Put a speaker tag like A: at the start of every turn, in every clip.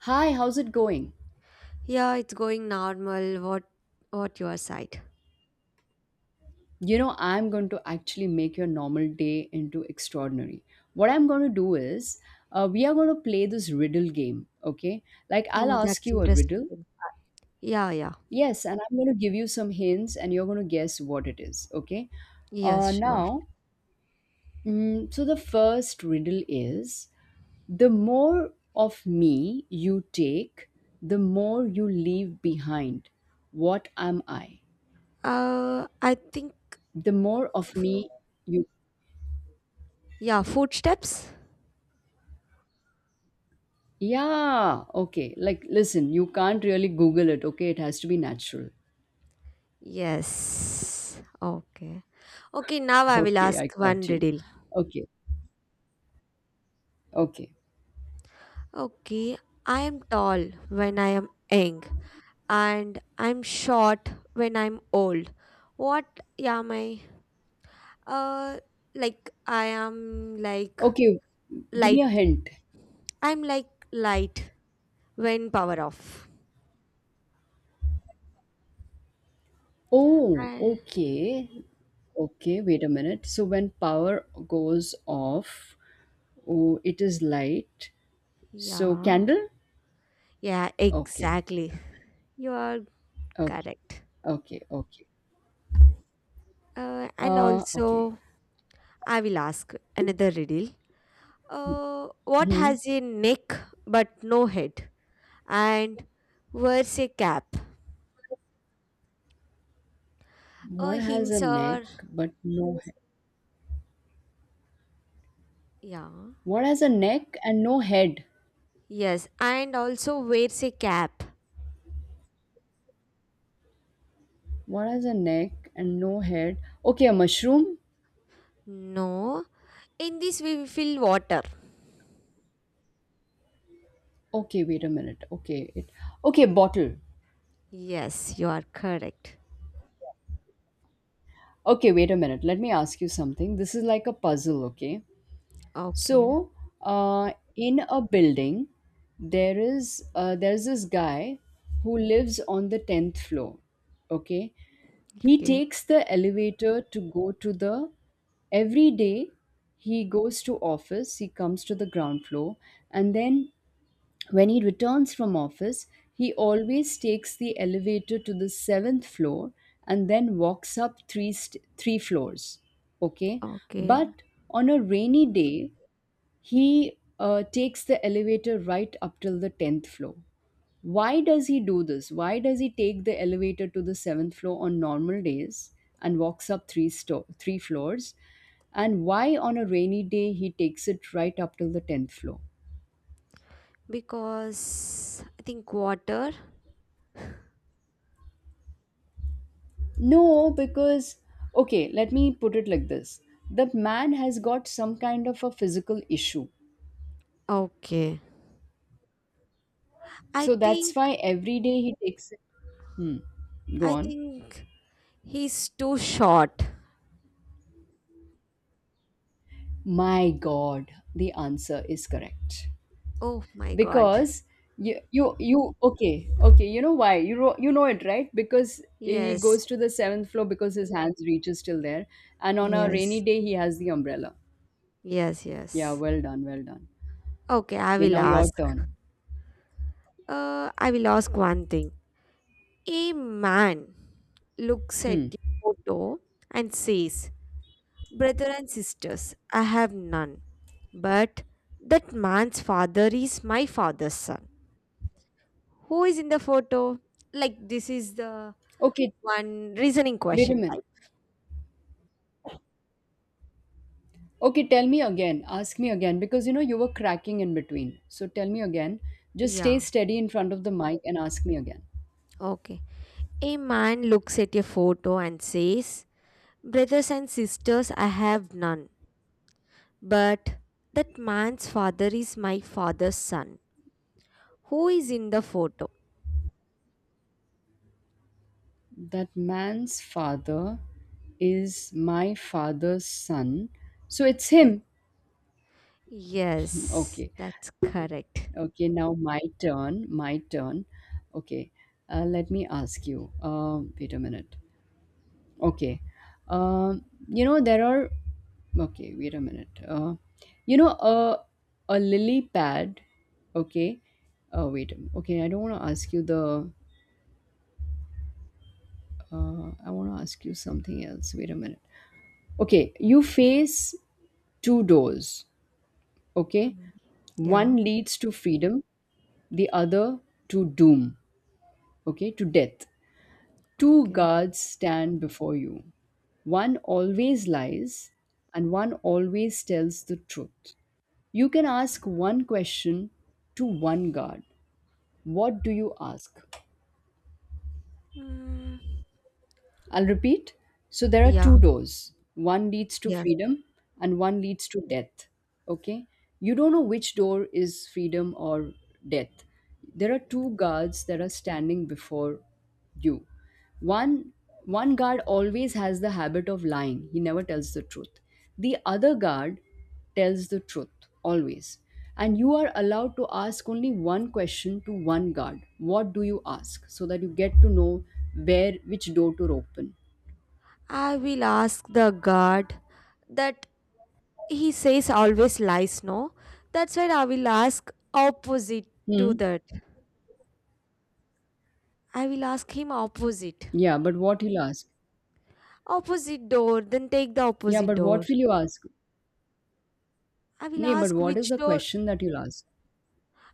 A: Hi, how's it going?
B: Yeah, it's going normal. What your side?
A: You know, I'm going to actually make your normal day into extraordinary. What I'm going to do is, we are going to play this riddle game, okay? Like, I'll
B: Oh,
A: ask
B: that's
A: you a
B: interesting.
A: riddle.
B: Yeah, yeah.
A: Yes, and I'm going to give you some hints and you're going to guess what it is, okay?
B: Yes,
A: Uh,
B: sure.
A: now, so the first riddle is the more of me you take, the more you leave behind. What am I?
B: I think,
A: The more of me you
B: yeah, footsteps?
A: Yeah, okay. Like, listen, you can't really Google it, okay? It has to be natural.
B: Yes. Okay. Okay, now I will
A: Okay, I
B: ask
A: got
B: one
A: you.
B: riddle.
A: Okay, okay,
B: Okay, I am tall when I am young and I'm short when I'm old. What am I? Uh like I am like
A: okay. Give me
B: light.
A: a hint.
B: I'm like light when power off.
A: Oh,
B: Uh,
A: okay. Okay, wait a minute. So, when power goes off, oh, it is light. So,
B: yeah,
A: candle?
B: yeah,
A: Okay,
B: exactly. You are
A: okay,
B: correct.
A: okay.
B: And
A: Okay.
B: also, I will ask another riddle. What
A: Hmm.
B: has a neck but no head, and wears a cap? A
A: What has a
B: hints
A: neck
B: are,
A: but no head?
B: yeah,
A: What has a neck and no head?
B: yes, and also wears a cap.
A: What has a neck and no head? Okay, a mushroom?
B: No, in this we will fill water.
A: Okay, wait a minute. Okay, bottle.
B: Yes, you are correct.
A: Okay, wait a minute. Let me ask you something. This is like a puzzle, okay?
B: Okay,
A: So, in a building, there's this guy who lives on the 10th floor, okay? He
B: okay,
A: takes the elevator to go to the every day he goes to office, he comes to the ground floor, and then when he returns from office, he always takes the elevator to the seventh floor and then walks up three floors. Okay,
B: okay.
A: but on a rainy day, he takes the elevator right up till the 10th floor. Why does he do this? Why does he take the elevator to the seventh floor on normal days and walks up three floors? And why on a rainy day he takes it right up till the 10th floor?
B: Because I think water.
A: No, because, okay, let me put it like this. The man has got some kind of a physical issue.
B: Okay. I
A: So that's why
B: think
A: every day he takes it. Go
B: I
A: on.
B: think he's too short.
A: My God, the answer is correct.
B: Oh my god.
A: Because okay, okay, you know why? You know it, right? Because he
B: Yes.
A: goes to the seventh floor because his hands reaches till there. And on a rainy
B: Yes.
A: day, he has the umbrella.
B: Yes,
A: Yeah,
B: yes.
A: well done, well done.
B: Okay, I
A: Okay,
B: will
A: now your
B: ask.
A: turn.
B: I will ask one thing. A man looks at
A: Hmm.
B: the photo and says, Brother and sisters, I have none. But that man's father is my father's son. Who is in the photo? Like this is the
A: Okay,
B: one reasoning
A: wait a
B: question
A: minute.
B: type.
A: Okay, tell me again. Ask me again because you know you were cracking in between. So tell me again. Just stay
B: Yeah.
A: steady in front of the mic and ask me again.
B: Okay. A man looks at a photo and says, Brothers and sisters, I have none. But that man's father is my father's son. Who is in the photo?
A: That man's father is my father's son. So it's him.
B: Yes. Yes,
A: Okay.
B: that's correct.
A: Okay, now my turn. My turn. Okay. Let me ask you. Wait a minute. Okay. You know, there are. Okay, wait a minute. You know, a lily pad. Okay. Oh, wait. Okay, I don't want to ask you the. I want to ask you something else. Wait a minute. Okay, you face two doors. Okay.
B: Mhm.
A: One
B: Yeah.
A: leads to freedom, the other to doom. Okay, to death. Two
B: Okay.
A: guards stand before you. One always lies, and one always tells the truth. You can ask one question to one guard. What do you ask?
B: Mm,
A: I'll repeat. So there are
B: yeah.
A: two doors. One leads to
B: Yes.
A: freedom and one leads to death. Okay? You don't know which door is freedom or death. There are two guards that are standing before you. One one guard always has the habit of lying. He never tells the truth. The other guard tells the truth always. And you are allowed to ask only one question to one guard. What do you ask? So that you get to know where, which door to open.
B: I will ask the God that he says always lies, no? That's why I will ask opposite
A: Hmm.
B: to that. I will ask him opposite.
A: Yeah, but what he'll ask?
B: Opposite door, then take the
A: Yeah,
B: opposite
A: but
B: door.
A: what will you ask?
B: I will
A: Nay, but
B: ask
A: what is
B: which
A: the
B: door
A: question that you'll ask?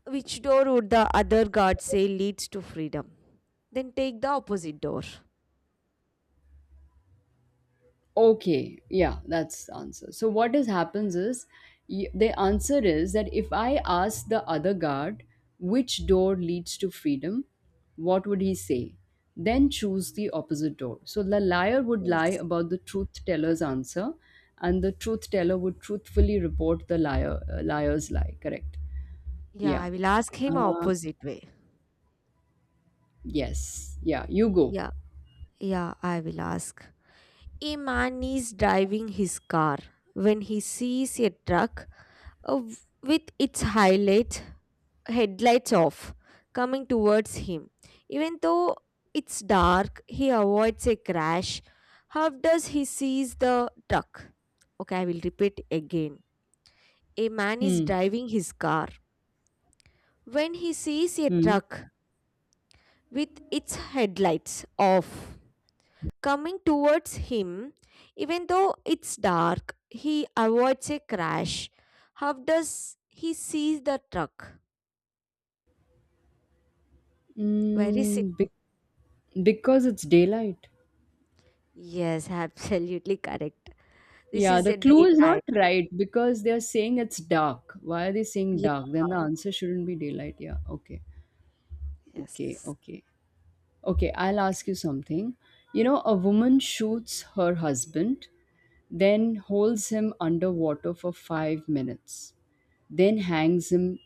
B: which door would the other guard say leads to freedom. Then take the opposite door.
A: Okay, yeah, that's the answer. So what is happens is the answer is that if I ask the other guard which door leads to freedom, what would he say? Then choose the opposite door. So the liar would lie
B: Yes.
A: about the truth teller's answer, and the truth teller would truthfully report the liar's lie. Correct?
B: Yeah,
A: Yeah.
B: I will ask him
A: Uh,
B: opposite way.
A: yes. Yeah. You go.
B: Yeah. Yeah, I will ask. A man is driving his car when he sees a truck uh, with its highlights headlights off, coming towards him. Even though it's dark, he avoids a crash. How does he sees the truck? Okay, I will repeat again. A man is
A: Hmm.
B: driving his car when he sees a
A: Hmm.
B: truck with its headlights off coming towards him. Even though it's dark, he avoids a crash. How does he sees the truck? Very simple.
A: Mm, be- because it's daylight.
B: Yes, absolutely correct. This
A: Yeah,
B: is
A: the
B: a
A: clue is
B: daytime.
A: not right because they are saying it's dark. Why are they saying dark? Then the answer shouldn't be daylight. Yeah, okay. Okay,
B: Yes.
A: okay. Okay, I'll ask you something. You know, a woman shoots her husband, then holds him underwater for 5 minutes, then hangs him.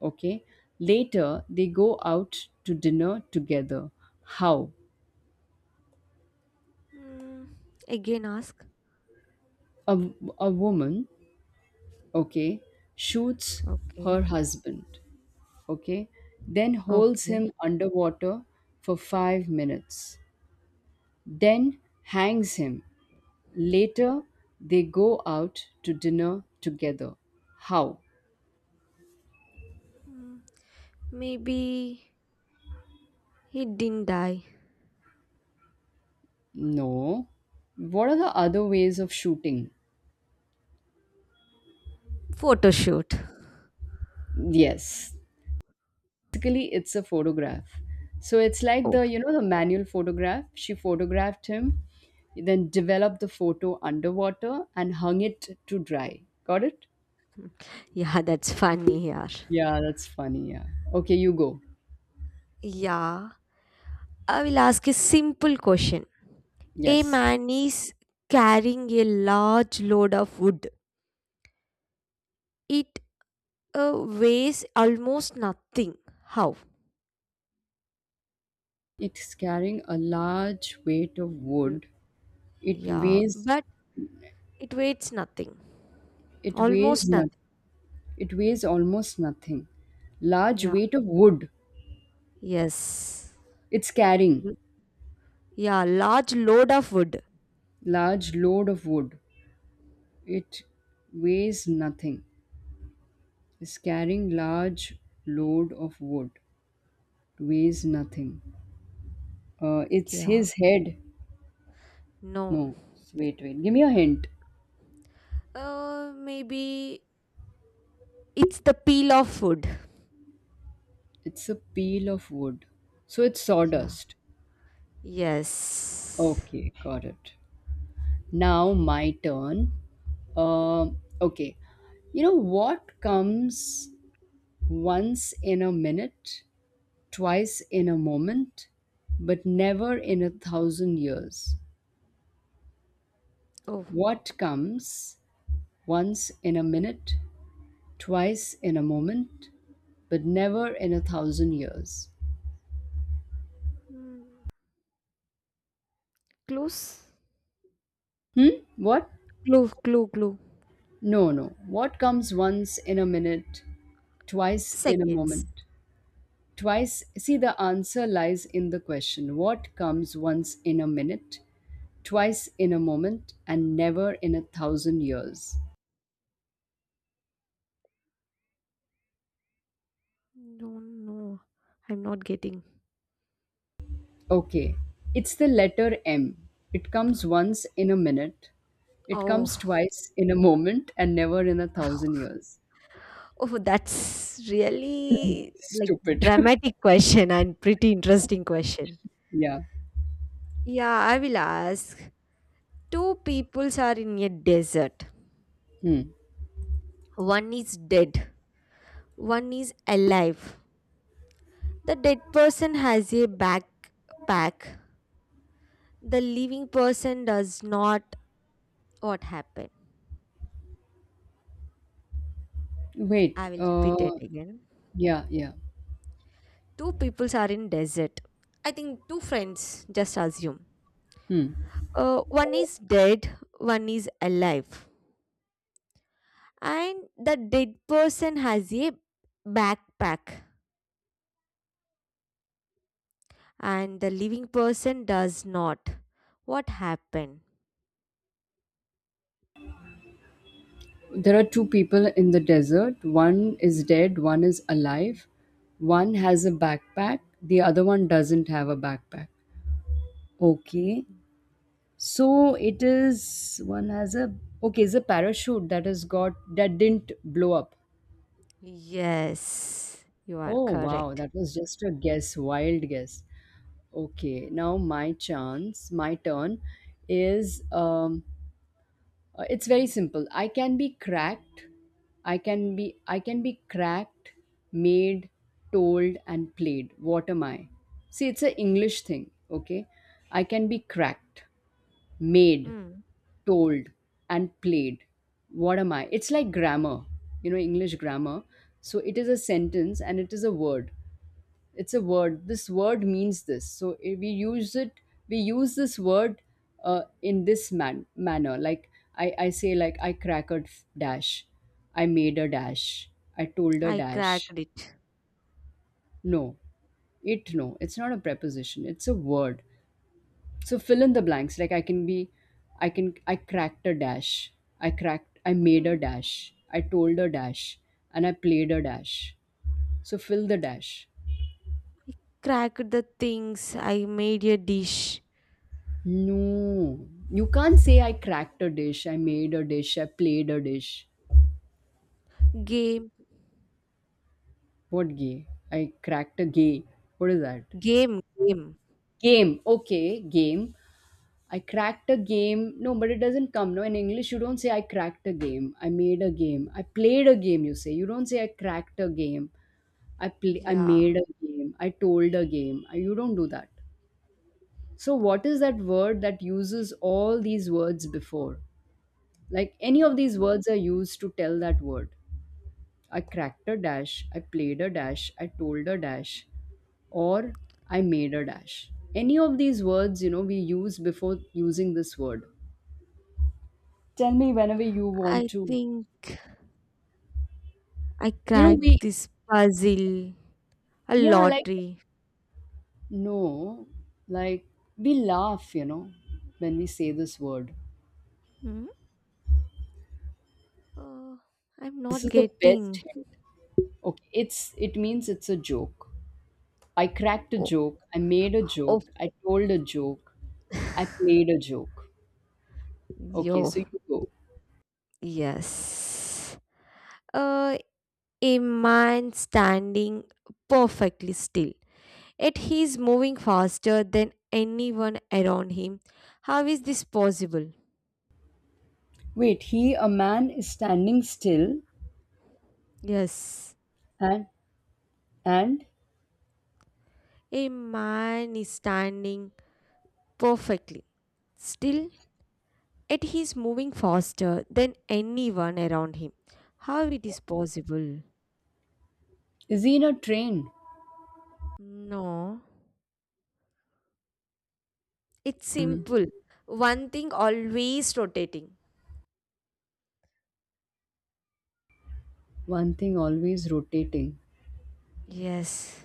A: Okay. Later, they go out to dinner together. How?
B: Mm, Again ask.
A: A a woman, okay, shoots her
B: Okay.
A: husband, okay, then holds
B: Okay.
A: him underwater for 5 minutes, then hangs him. Later, they go out to dinner together. How?
B: Mm, Maybe he didn't die.
A: No. What are the other ways of shooting?
B: Photo shoot.
A: Yes. Basically, it's a photograph. So it's like
B: Oh.
A: you know, the manual photograph. She photographed him, then developed the photo underwater and hung it to dry. Got it?
B: Yeah, that's funny here.
A: Yeah, that's funny. Yeah. Okay, you go.
B: Yeah, I will ask a simple question. A
A: Yes.
B: man is carrying a large load of wood. It weighs almost nothing. How?
A: It's carrying a large weight of
B: Mm,
A: wood. It
B: yeah,
A: weighs
B: but it weighs nothing.
A: it weighs
B: Almost nothing.
A: it weighs almost nothing. Large
B: Yeah.
A: weight of wood.
B: Yes.
A: It's carrying
B: Yeah, large load of wood.
A: large load of wood. It weighs nothing. It's carrying large load of wood. Weighs nothing. It's
B: Yeah.
A: his head.
B: No.
A: No, wait, wait. Give me a hint.
B: Maybe it's the peel of food.
A: It's a peel of wood. So it's
B: Yeah.
A: sawdust.
B: Yes.
A: Okay, got it. Now my turn. Okay. You know what comes once in a minute, twice in a moment, but never in a 1,000 years?
B: Oh.
A: What comes once in a minute, twice in a moment, but never in a thousand years?
B: Hmm. Clues?
A: Hmm? What?
B: Clue, clue, clue.
A: No, no. What comes once in a minute, twice in a
B: Seconds.
A: moment? Twice, see, the answer lies in the question, what comes once in a minute, twice in a moment, and never in a 1,000 years?
B: No, no. I'm not getting.
A: Okay, it's the letter M. It comes once in a minute, it comes
B: Oh,
A: twice in a moment, and never in a thousand years.
B: oh, that's really like
A: Stupid.
B: dramatic question and pretty interesting question.
A: yeah.
B: Yeah, I will ask. Two peoples are in a desert.
A: Hmm.
B: One is dead. One is alive. The dead person has a backpack. The living person does not. What happened?
A: Wait,
B: I will repeat it again.
A: yeah, yeah.
B: Two peoples are in desert. I think two friends. Just assume.
A: Hmm.
B: One is dead. One is alive. And the dead person has a backpack, and the living person does not. What happened?
A: There are two people in the desert. One is dead, one is alive. One has a backpack, the other one doesn't have a backpack. Okay. So it is one has a okay, it's a parachute that has got, that didn't blow up.
B: Yes, you are
A: Oh wow,
B: correct.
A: that was just a guess, wild guess. Okay, now my chance, my turn is it's very simple. I can be cracked. I can be cracked, made, told and played. What am I? See, it's an English thing, okay? I can be cracked, made,
B: Hmm.
A: told and played. What am I? It's like grammar. You know, English grammar. So it is a sentence and it is a word. It's a word. This word means this. So we use it. We use this word in this manner. Like, I say like I crackered dash. I made a dash. I told a
B: I
A: dash.
B: cracked it.
A: No, it, no, it's not a preposition. It's a word. So fill in the blanks. Like, I can be, I cracked a dash. I made a
B: Mm.
A: dash. I told a dash. And I played a dash. So fill the dash.
B: Cracked the things. I made a dish.
A: No, you can't say I cracked a dish, I made a dish, I played a dish.
B: Game,
A: What gay? I cracked a gay. What is that?
B: game, game.
A: Game. Okay, game. I cracked a game. No, but it doesn't come. No, in English, you don't say I cracked a game. I made a game. I played a game, you say. You don't say I cracked a game. I
B: Yeah.
A: made a game. I told a game. You don't do that. So, what is that word that uses all these words before? Like any of these
B: Mm.
A: words are used to tell that word. I cracked a dash, I played a dash, I told a dash, or I made a dash. Any of these words, you know, we use before using this word. Tell me whenever you want
B: I
A: to.
B: think I
A: You know,
B: cracked
A: we,
B: this puzzle. A
A: yeah, like,
B: lottery.
A: no, like, we laugh, you know, when we say this word.
B: Mm. Uh, I'm
A: This
B: not
A: is the best
B: getting.
A: hint. It means it's a joke. I cracked a
B: Oh,
A: joke, I made a
B: oh,
A: joke, I told a joke, I played a joke. Okay,
B: yo,
A: so you go.
B: yes. Uh, a man standing perfectly still. Yet he's moving faster than anyone around him. How is this possible?
A: Wait, a man is standing still
B: Yes,
A: and, and
B: a man is standing perfectly still, yet he is moving faster than anyone around him. How it is possible?
A: is he in a train?
B: No, it's simple. One thing always rotating.
A: One thing always rotating.
B: Yes,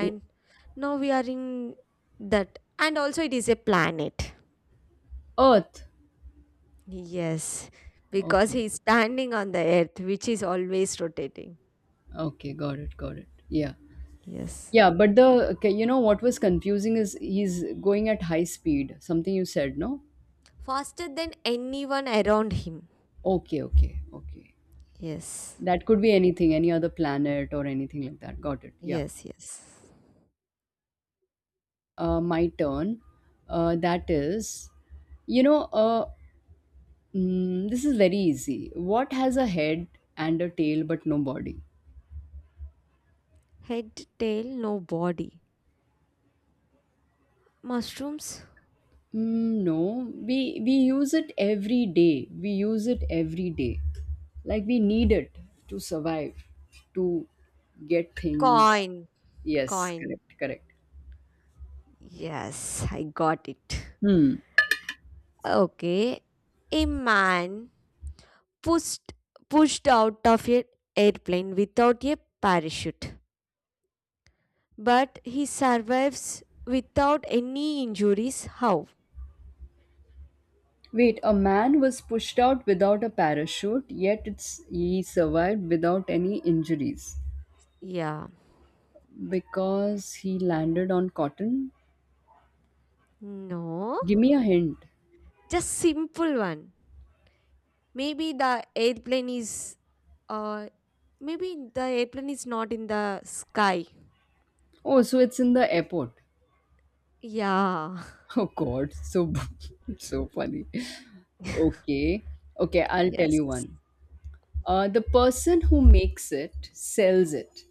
A: O-
B: now we are in that, and also it is a planet.
A: Earth.
B: Yes, because
A: Okay.
B: he is standing on the earth, which is always rotating.
A: Got it. Yeah.
B: Yes,
A: Yeah, but the, okay, you know, what was confusing is he's going at high speed. Something you said, no?
B: faster than anyone around him.
A: Okay.
B: Yes,
A: That could be anything, any other planet or anything like that. Got it. Yeah.
B: yes, yes.
A: My turn. That is, you know, this is very easy. What has a head and a tail but no body?
B: Head, tail, no body. Mushrooms?
A: No, we use it every day. We use it every day. Like, we need it to survive, to get things.
B: Coin,
A: Yes,
B: coin.
A: correct, correct.
B: Yes, I got it.
A: Hmm.
B: Okay. A man pushed pushed out of an airplane without a parachute. But he survives without any injuries. How?
A: Wait, a man was pushed out without a parachute, yet it's he survived without any injuries
B: Yeah.
A: because he landed on cotton.
B: No.
A: Give me a hint.
B: Just simple one. Maybe the airplane is uh, Maybe the airplane is not in the sky.
A: Oh, so it's in the airport.
B: Yeah.
A: Oh God, so so funny. Okay, okay, I'll tell
B: Yes.
A: you one. The person who makes it sells it.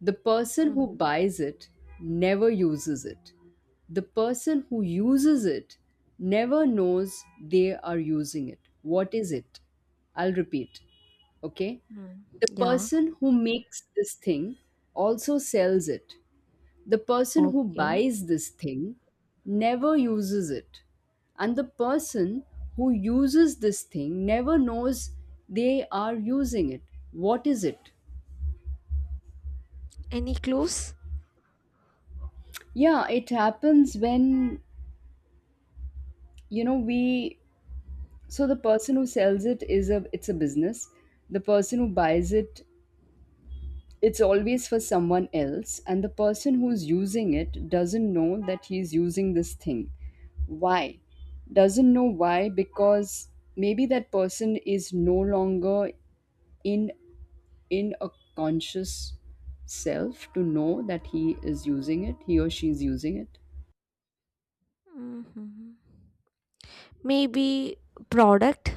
A: The person who
B: Mhm.
A: buys it never uses it. The person who uses it never knows they are using it. What is it? I'll repeat. Okay,
B: Mm.
A: the
B: Yeah.
A: person who makes this thing also sells it. The person who
B: Okay.
A: buys this thing never uses it. And the person who uses this thing never knows they are using it. What is it?
B: Any clues?
A: Yeah, it happens when, you know we so the person who sells it is a it's a business. The person who buys it's always for someone else. And the person who's using it doesn't know that he's using this thing. Why? Doesn't know why? Because maybe that person is no longer in in a conscious self to know that he is using it, he or she is using it.
B: Mhm. Maybe product,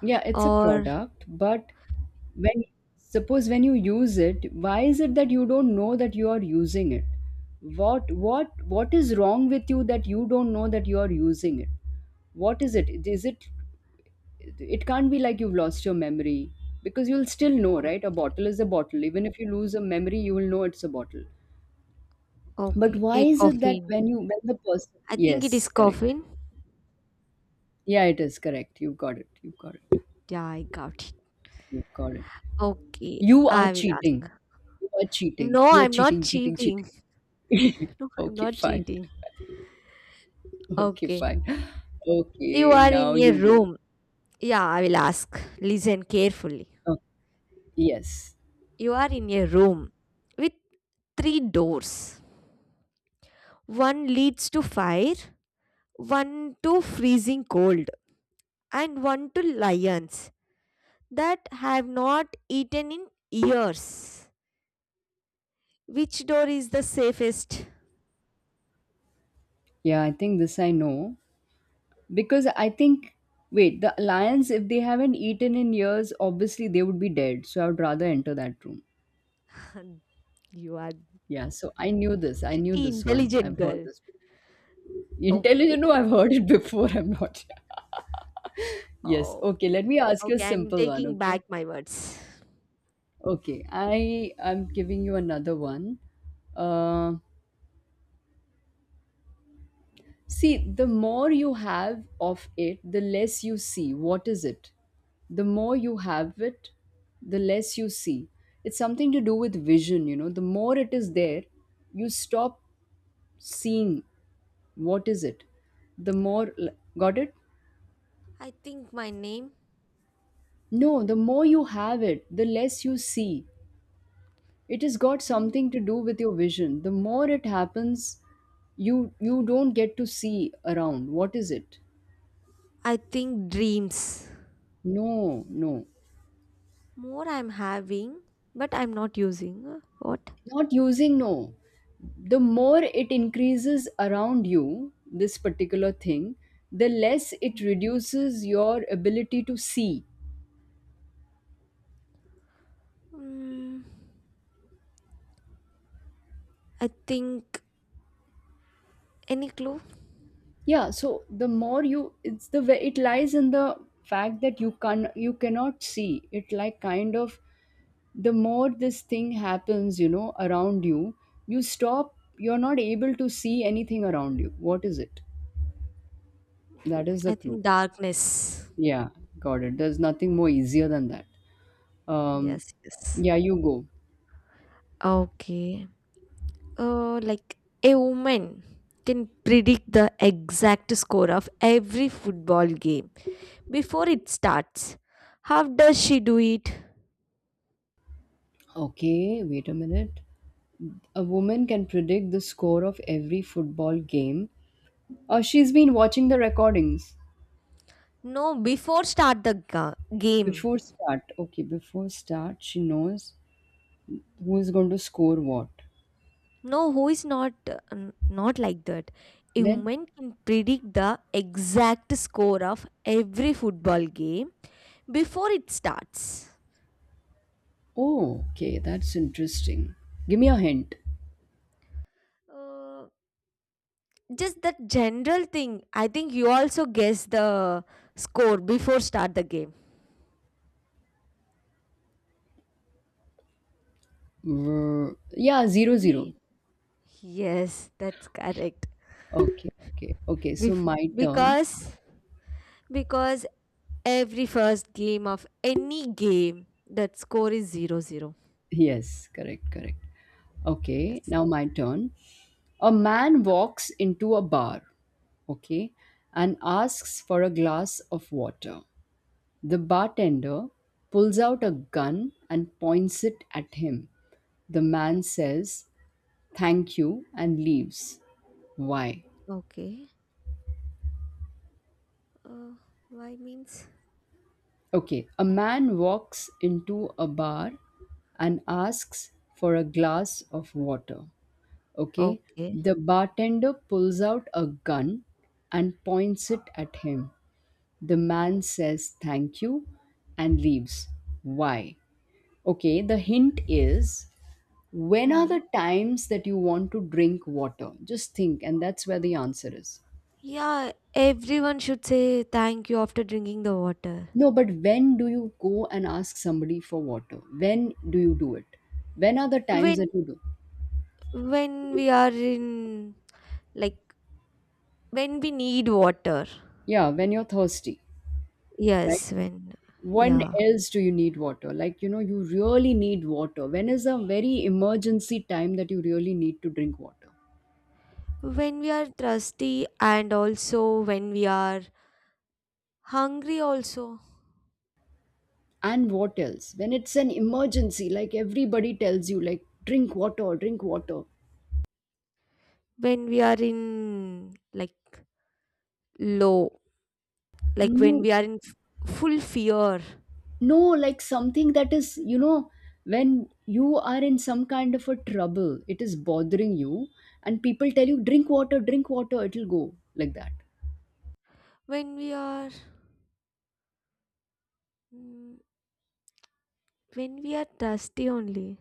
A: Yeah, it's a
B: or
A: product, but when, suppose when you use it, why is it that you don't know that you are using it? What is wrong with you that you don't know that you are using it? What is it? Is it? It can't be like you've lost your memory, because you'll still know,
B: O-
A: right? A bottle is a bottle. Even if you lose a memory, you will know it's a bottle. But
B: okay,
A: why
B: a
A: is it that
B: coffin.
A: when the person.
B: I think it
A: Yes,
B: is
A: correct.
B: coffin.
A: Yeah, it is correct, you've got it, you've got it,
B: Yeah, I got it.
A: you've got it.
B: Okay,
A: You are
B: I will
A: cheating,
B: ask.
A: you are cheating,
B: No,
A: you are
B: I'm not
A: cheating, cheating,
B: cheating.
A: cheating.
B: No, I'm
A: Okay,
B: not
A: fine.
B: cheating.
A: Okay,
B: Okay.
A: fine.
B: You
A: Okay,
B: are
A: now
B: in a
A: you go.
B: room. Yeah, I will ask. Listen carefully.
A: Oh, yes.
B: You are in a room with three doors. One leads to fire, one to freezing cold, and one to lions that have not eaten in years. Which door is the safest?
A: Yeah, I think this I know. Because I think, wait, the lions, if they haven't eaten in years, obviously they would be dead. So I would rather enter that room.
B: You are
A: Yeah, so I knew this. I knew
B: pretty
A: this one.
B: intelligent
A: I've heard
B: girl.
A: this.
B: Oh,
A: Intelligent, no, I've heard it before. I'm not. Yes.
B: oh,
A: Okay, let me ask you a
B: okay. I'm
A: simple one,
B: taking
A: okay?
B: back my words.
A: Okay, I'm giving you another one. Uh, See, the more you have of it, the less you see. What is it? The more you have it, the less you see. It's something to do with vision. The more it is there, you stop seeing. What is it? The more, got it?
B: I think my name.
A: No, the more you have it, the less you see. It has got
B: mm,
A: something to do with your vision. The more it happens, you don't get to see around. What is it?
B: I think dreams.
A: No, no.
B: More I'm having, but I'm not using. What?
A: Not using, no. The more it increases around you, this particular thing, the less it reduces your ability to see.
B: Mm, I think, any clue?
A: Yeah, so the more you, it's the way it lies in the fact that you cannot see. It, like, kind of the more this thing happens, around you, you stop. You're not able to see anything around you. What is it? That is the
B: I
A: clue.
B: think darkness.
A: Yeah, got it. There's nothing more easier than that. Um,
B: Yes, yes.
A: yeah, you go.
B: Okay. Like a woman can predict the exact score of every football game before it starts. How does she do it?
A: Okay, wait a minute. A woman can predict the score of every football game. She's been watching the recordings
B: No, before start the game.
A: before start. Okay, before start, she knows who is going to score what.
B: No, who is not not like that? A
A: Then,
B: woman can predict the exact score of every football game before it starts.
A: oh, okay, that's interesting. Give me a hint.
B: Uh, just that general thing. I think you also guess the score before start the game.
A: Mm, yeah, 0-0.
B: We Yes, that's correct.
A: Okay, okay, okay. So
B: Before
A: my turn.
B: because every first game of any game that score is 0-0.
A: Yes, correct, correct. Okay,
B: Yes.
A: now my turn. A man walks into a bar, okay, and asks for a glass of water. The bartender pulls out a gun and points it at him. The man says, thank you, and leaves. Why?
B: Okay. Uh, why means,
A: Okay, a man walks into a bar and asks for a glass of water. Okay,
B: okay.
A: the bartender pulls out a gun and points it at him. The man says thank you and leaves. Why? Okay, the hint is, when are
B: Hmm.
A: the times that you want to drink water? Just think, and that's where the answer is.
B: Yeah, everyone should say thank you after drinking the water.
A: No, but when do you go and ask somebody for water? When do you do it? When are the times
B: When
A: that you do?
B: when we are in, like, when we need water.
A: Yeah, when you're thirsty, right?
B: Yes, when,
A: When
B: yeah,
A: else do you need water? Like, you really need water. When is a very emergency time that you really need to drink water?
B: when we are thirsty, and also when we are hungry also.
A: And what else? When it's an emergency, like, everybody tells you, like, drink water, drink water.
B: When we are in, like, low, like, when
A: No,
B: we are in full fear.
A: no, like something that is, when you are in some kind of a trouble, it is bothering you. And people tell you, drink water, drink water, it'll go like that.
B: when we are mm, when we are thirsty only.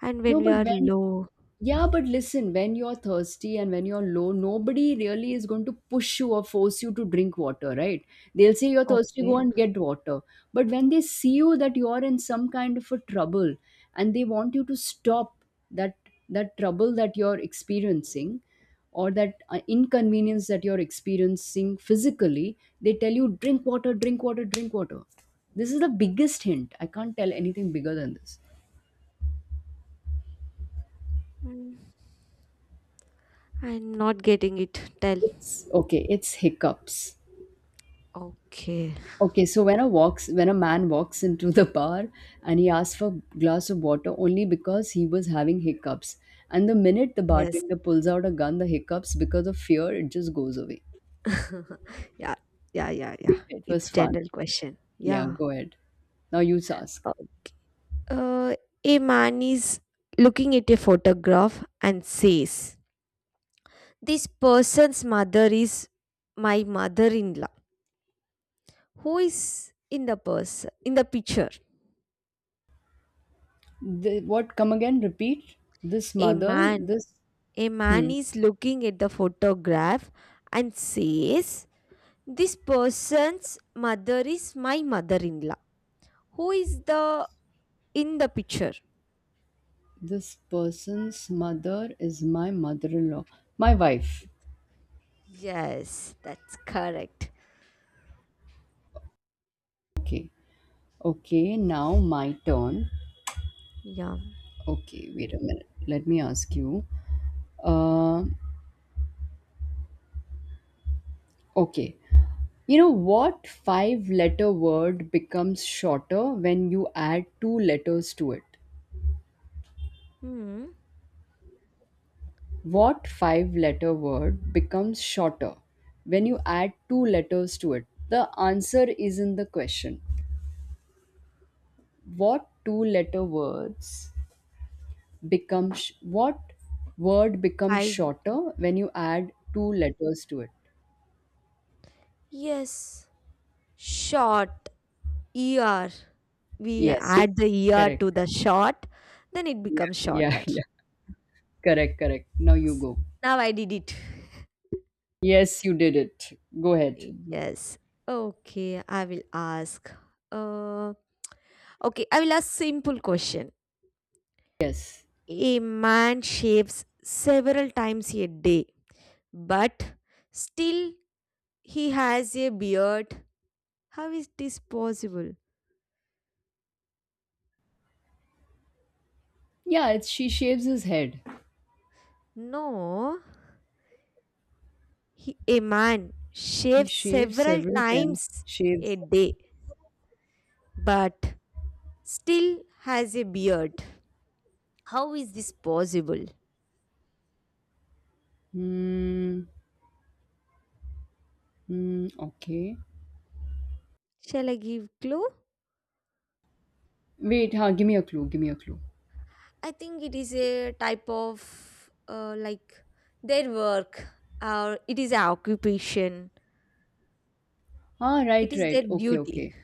B: And when
A: No,
B: we
A: but
B: are
A: when.
B: low.
A: Yeah, but listen, when you're thirsty and when you're low, nobody really is going to push you or force you to drink water, right? They'll say you're thirsty, go
B: Okay.
A: and get water. But when they see you that you're in some kind of a trouble and they want you to stop that that trouble that you're experiencing, or that inconvenience that you're experiencing physically, they tell you drink water, drink water, drink water. This is the biggest hint. I can't tell anything bigger than this.
B: mm, I'm not getting it, tell.
A: It's okay, it's hiccups.
B: Okay.
A: Okay, so when a walks when a man walks into the bar and he asks for a glass of water only because he was having hiccups. And the minute the
B: Yes.
A: bartender pulls out a gun, the hiccups, because of fear, it just goes away.
B: Yeah, yeah, yeah, yeah.
A: It was
B: It's
A: fun.
B: general question.
A: Yeah,
B: Yeah.
A: go ahead. Now you ask.
B: Okay. Uh, a man is looking at a photograph and says, This person's mother is my mother in law. Who is in the person in the picture?
A: What come again? Repeat. This
B: A
A: mother,
B: man.
A: this.
B: A man
A: Hmm.
B: is looking at the photograph and says, This person's mother is my mother in law. Who is the in the picture?
A: This person's mother is my mother-in-law. My wife.
B: Yes, that's correct.
A: Okay. Okay, now my turn.
B: Yeah.
A: Okay, wait a minute. Let me ask you. Uh, okay. You know what five letter word becomes shorter when you add two letters to it?
B: Hmm.
A: What five letter word becomes shorter when you add two letters to it? The answer is in the question. What two letter words become sh- what word becomes
B: Five
A: shorter
B: letter.
A: when you add two letters to it?
B: Yes. Short, er. We
A: Yes.
B: add the
A: Correct,
B: to the
A: correct.
B: short, then it
A: Yeah,
B: becomes
A: yeah,
B: shorter.
A: yeah. Correct, correct. Now you
B: Yes.
A: go.
B: Now I did it.
A: Yes, you did it. Go ahead.
B: Yes. Okay, I will ask. Uh, okay, I will ask simple question.
A: Yes.
B: A man shaves several times a day, but still he has a beard. How is this possible?
A: Yeah, it's she shaves his head.
B: No, a man
A: He
B: shaves
A: shaves
B: several
A: several times.
B: times
A: Shaves.
B: a day but still has a beard. How is this possible?
A: Hmm. Hmm. Okay.
B: Shall I give clue?
A: Wait. Huh. Give me a clue. Give me a clue.
B: I think it is a type of like their work or it is an occupation.
A: Ah.
B: It
A: Right.
B: is their
A: Right. Okay.
B: duty.
A: Okay.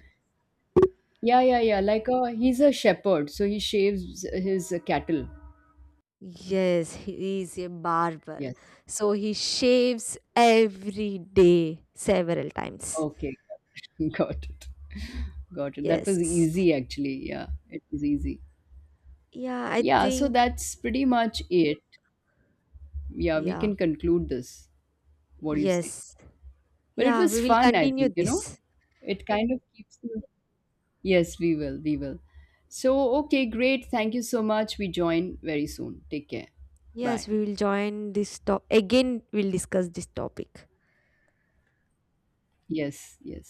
A: Yeah. Yeah. Yeah. Like a he's a shepherd, so he shaves his cattle.
B: Yes, he is a barber.
A: Yes.
B: So he shaves every day several times.
A: Okay. Got it. Got it. That was
B: Yes.
A: easy, actually. Yeah. It was easy.
B: Yeah, I
A: Yeah. So
B: think
A: that's pretty much it. Yeah. We
B: yeah.
A: can conclude this. What do you say?
B: Yes.
A: But it
B: Yeah,
A: was
B: we will
A: fun, I
B: continue
A: think, you know?
B: this.
A: It kind of keeps you. Yes, we will. We will. So, okay, great. Thank you so much. We join very soon. Take care.
B: Yes,
A: Bye.
B: we will join this top again. We'll discuss this topic.
A: Yes, yes.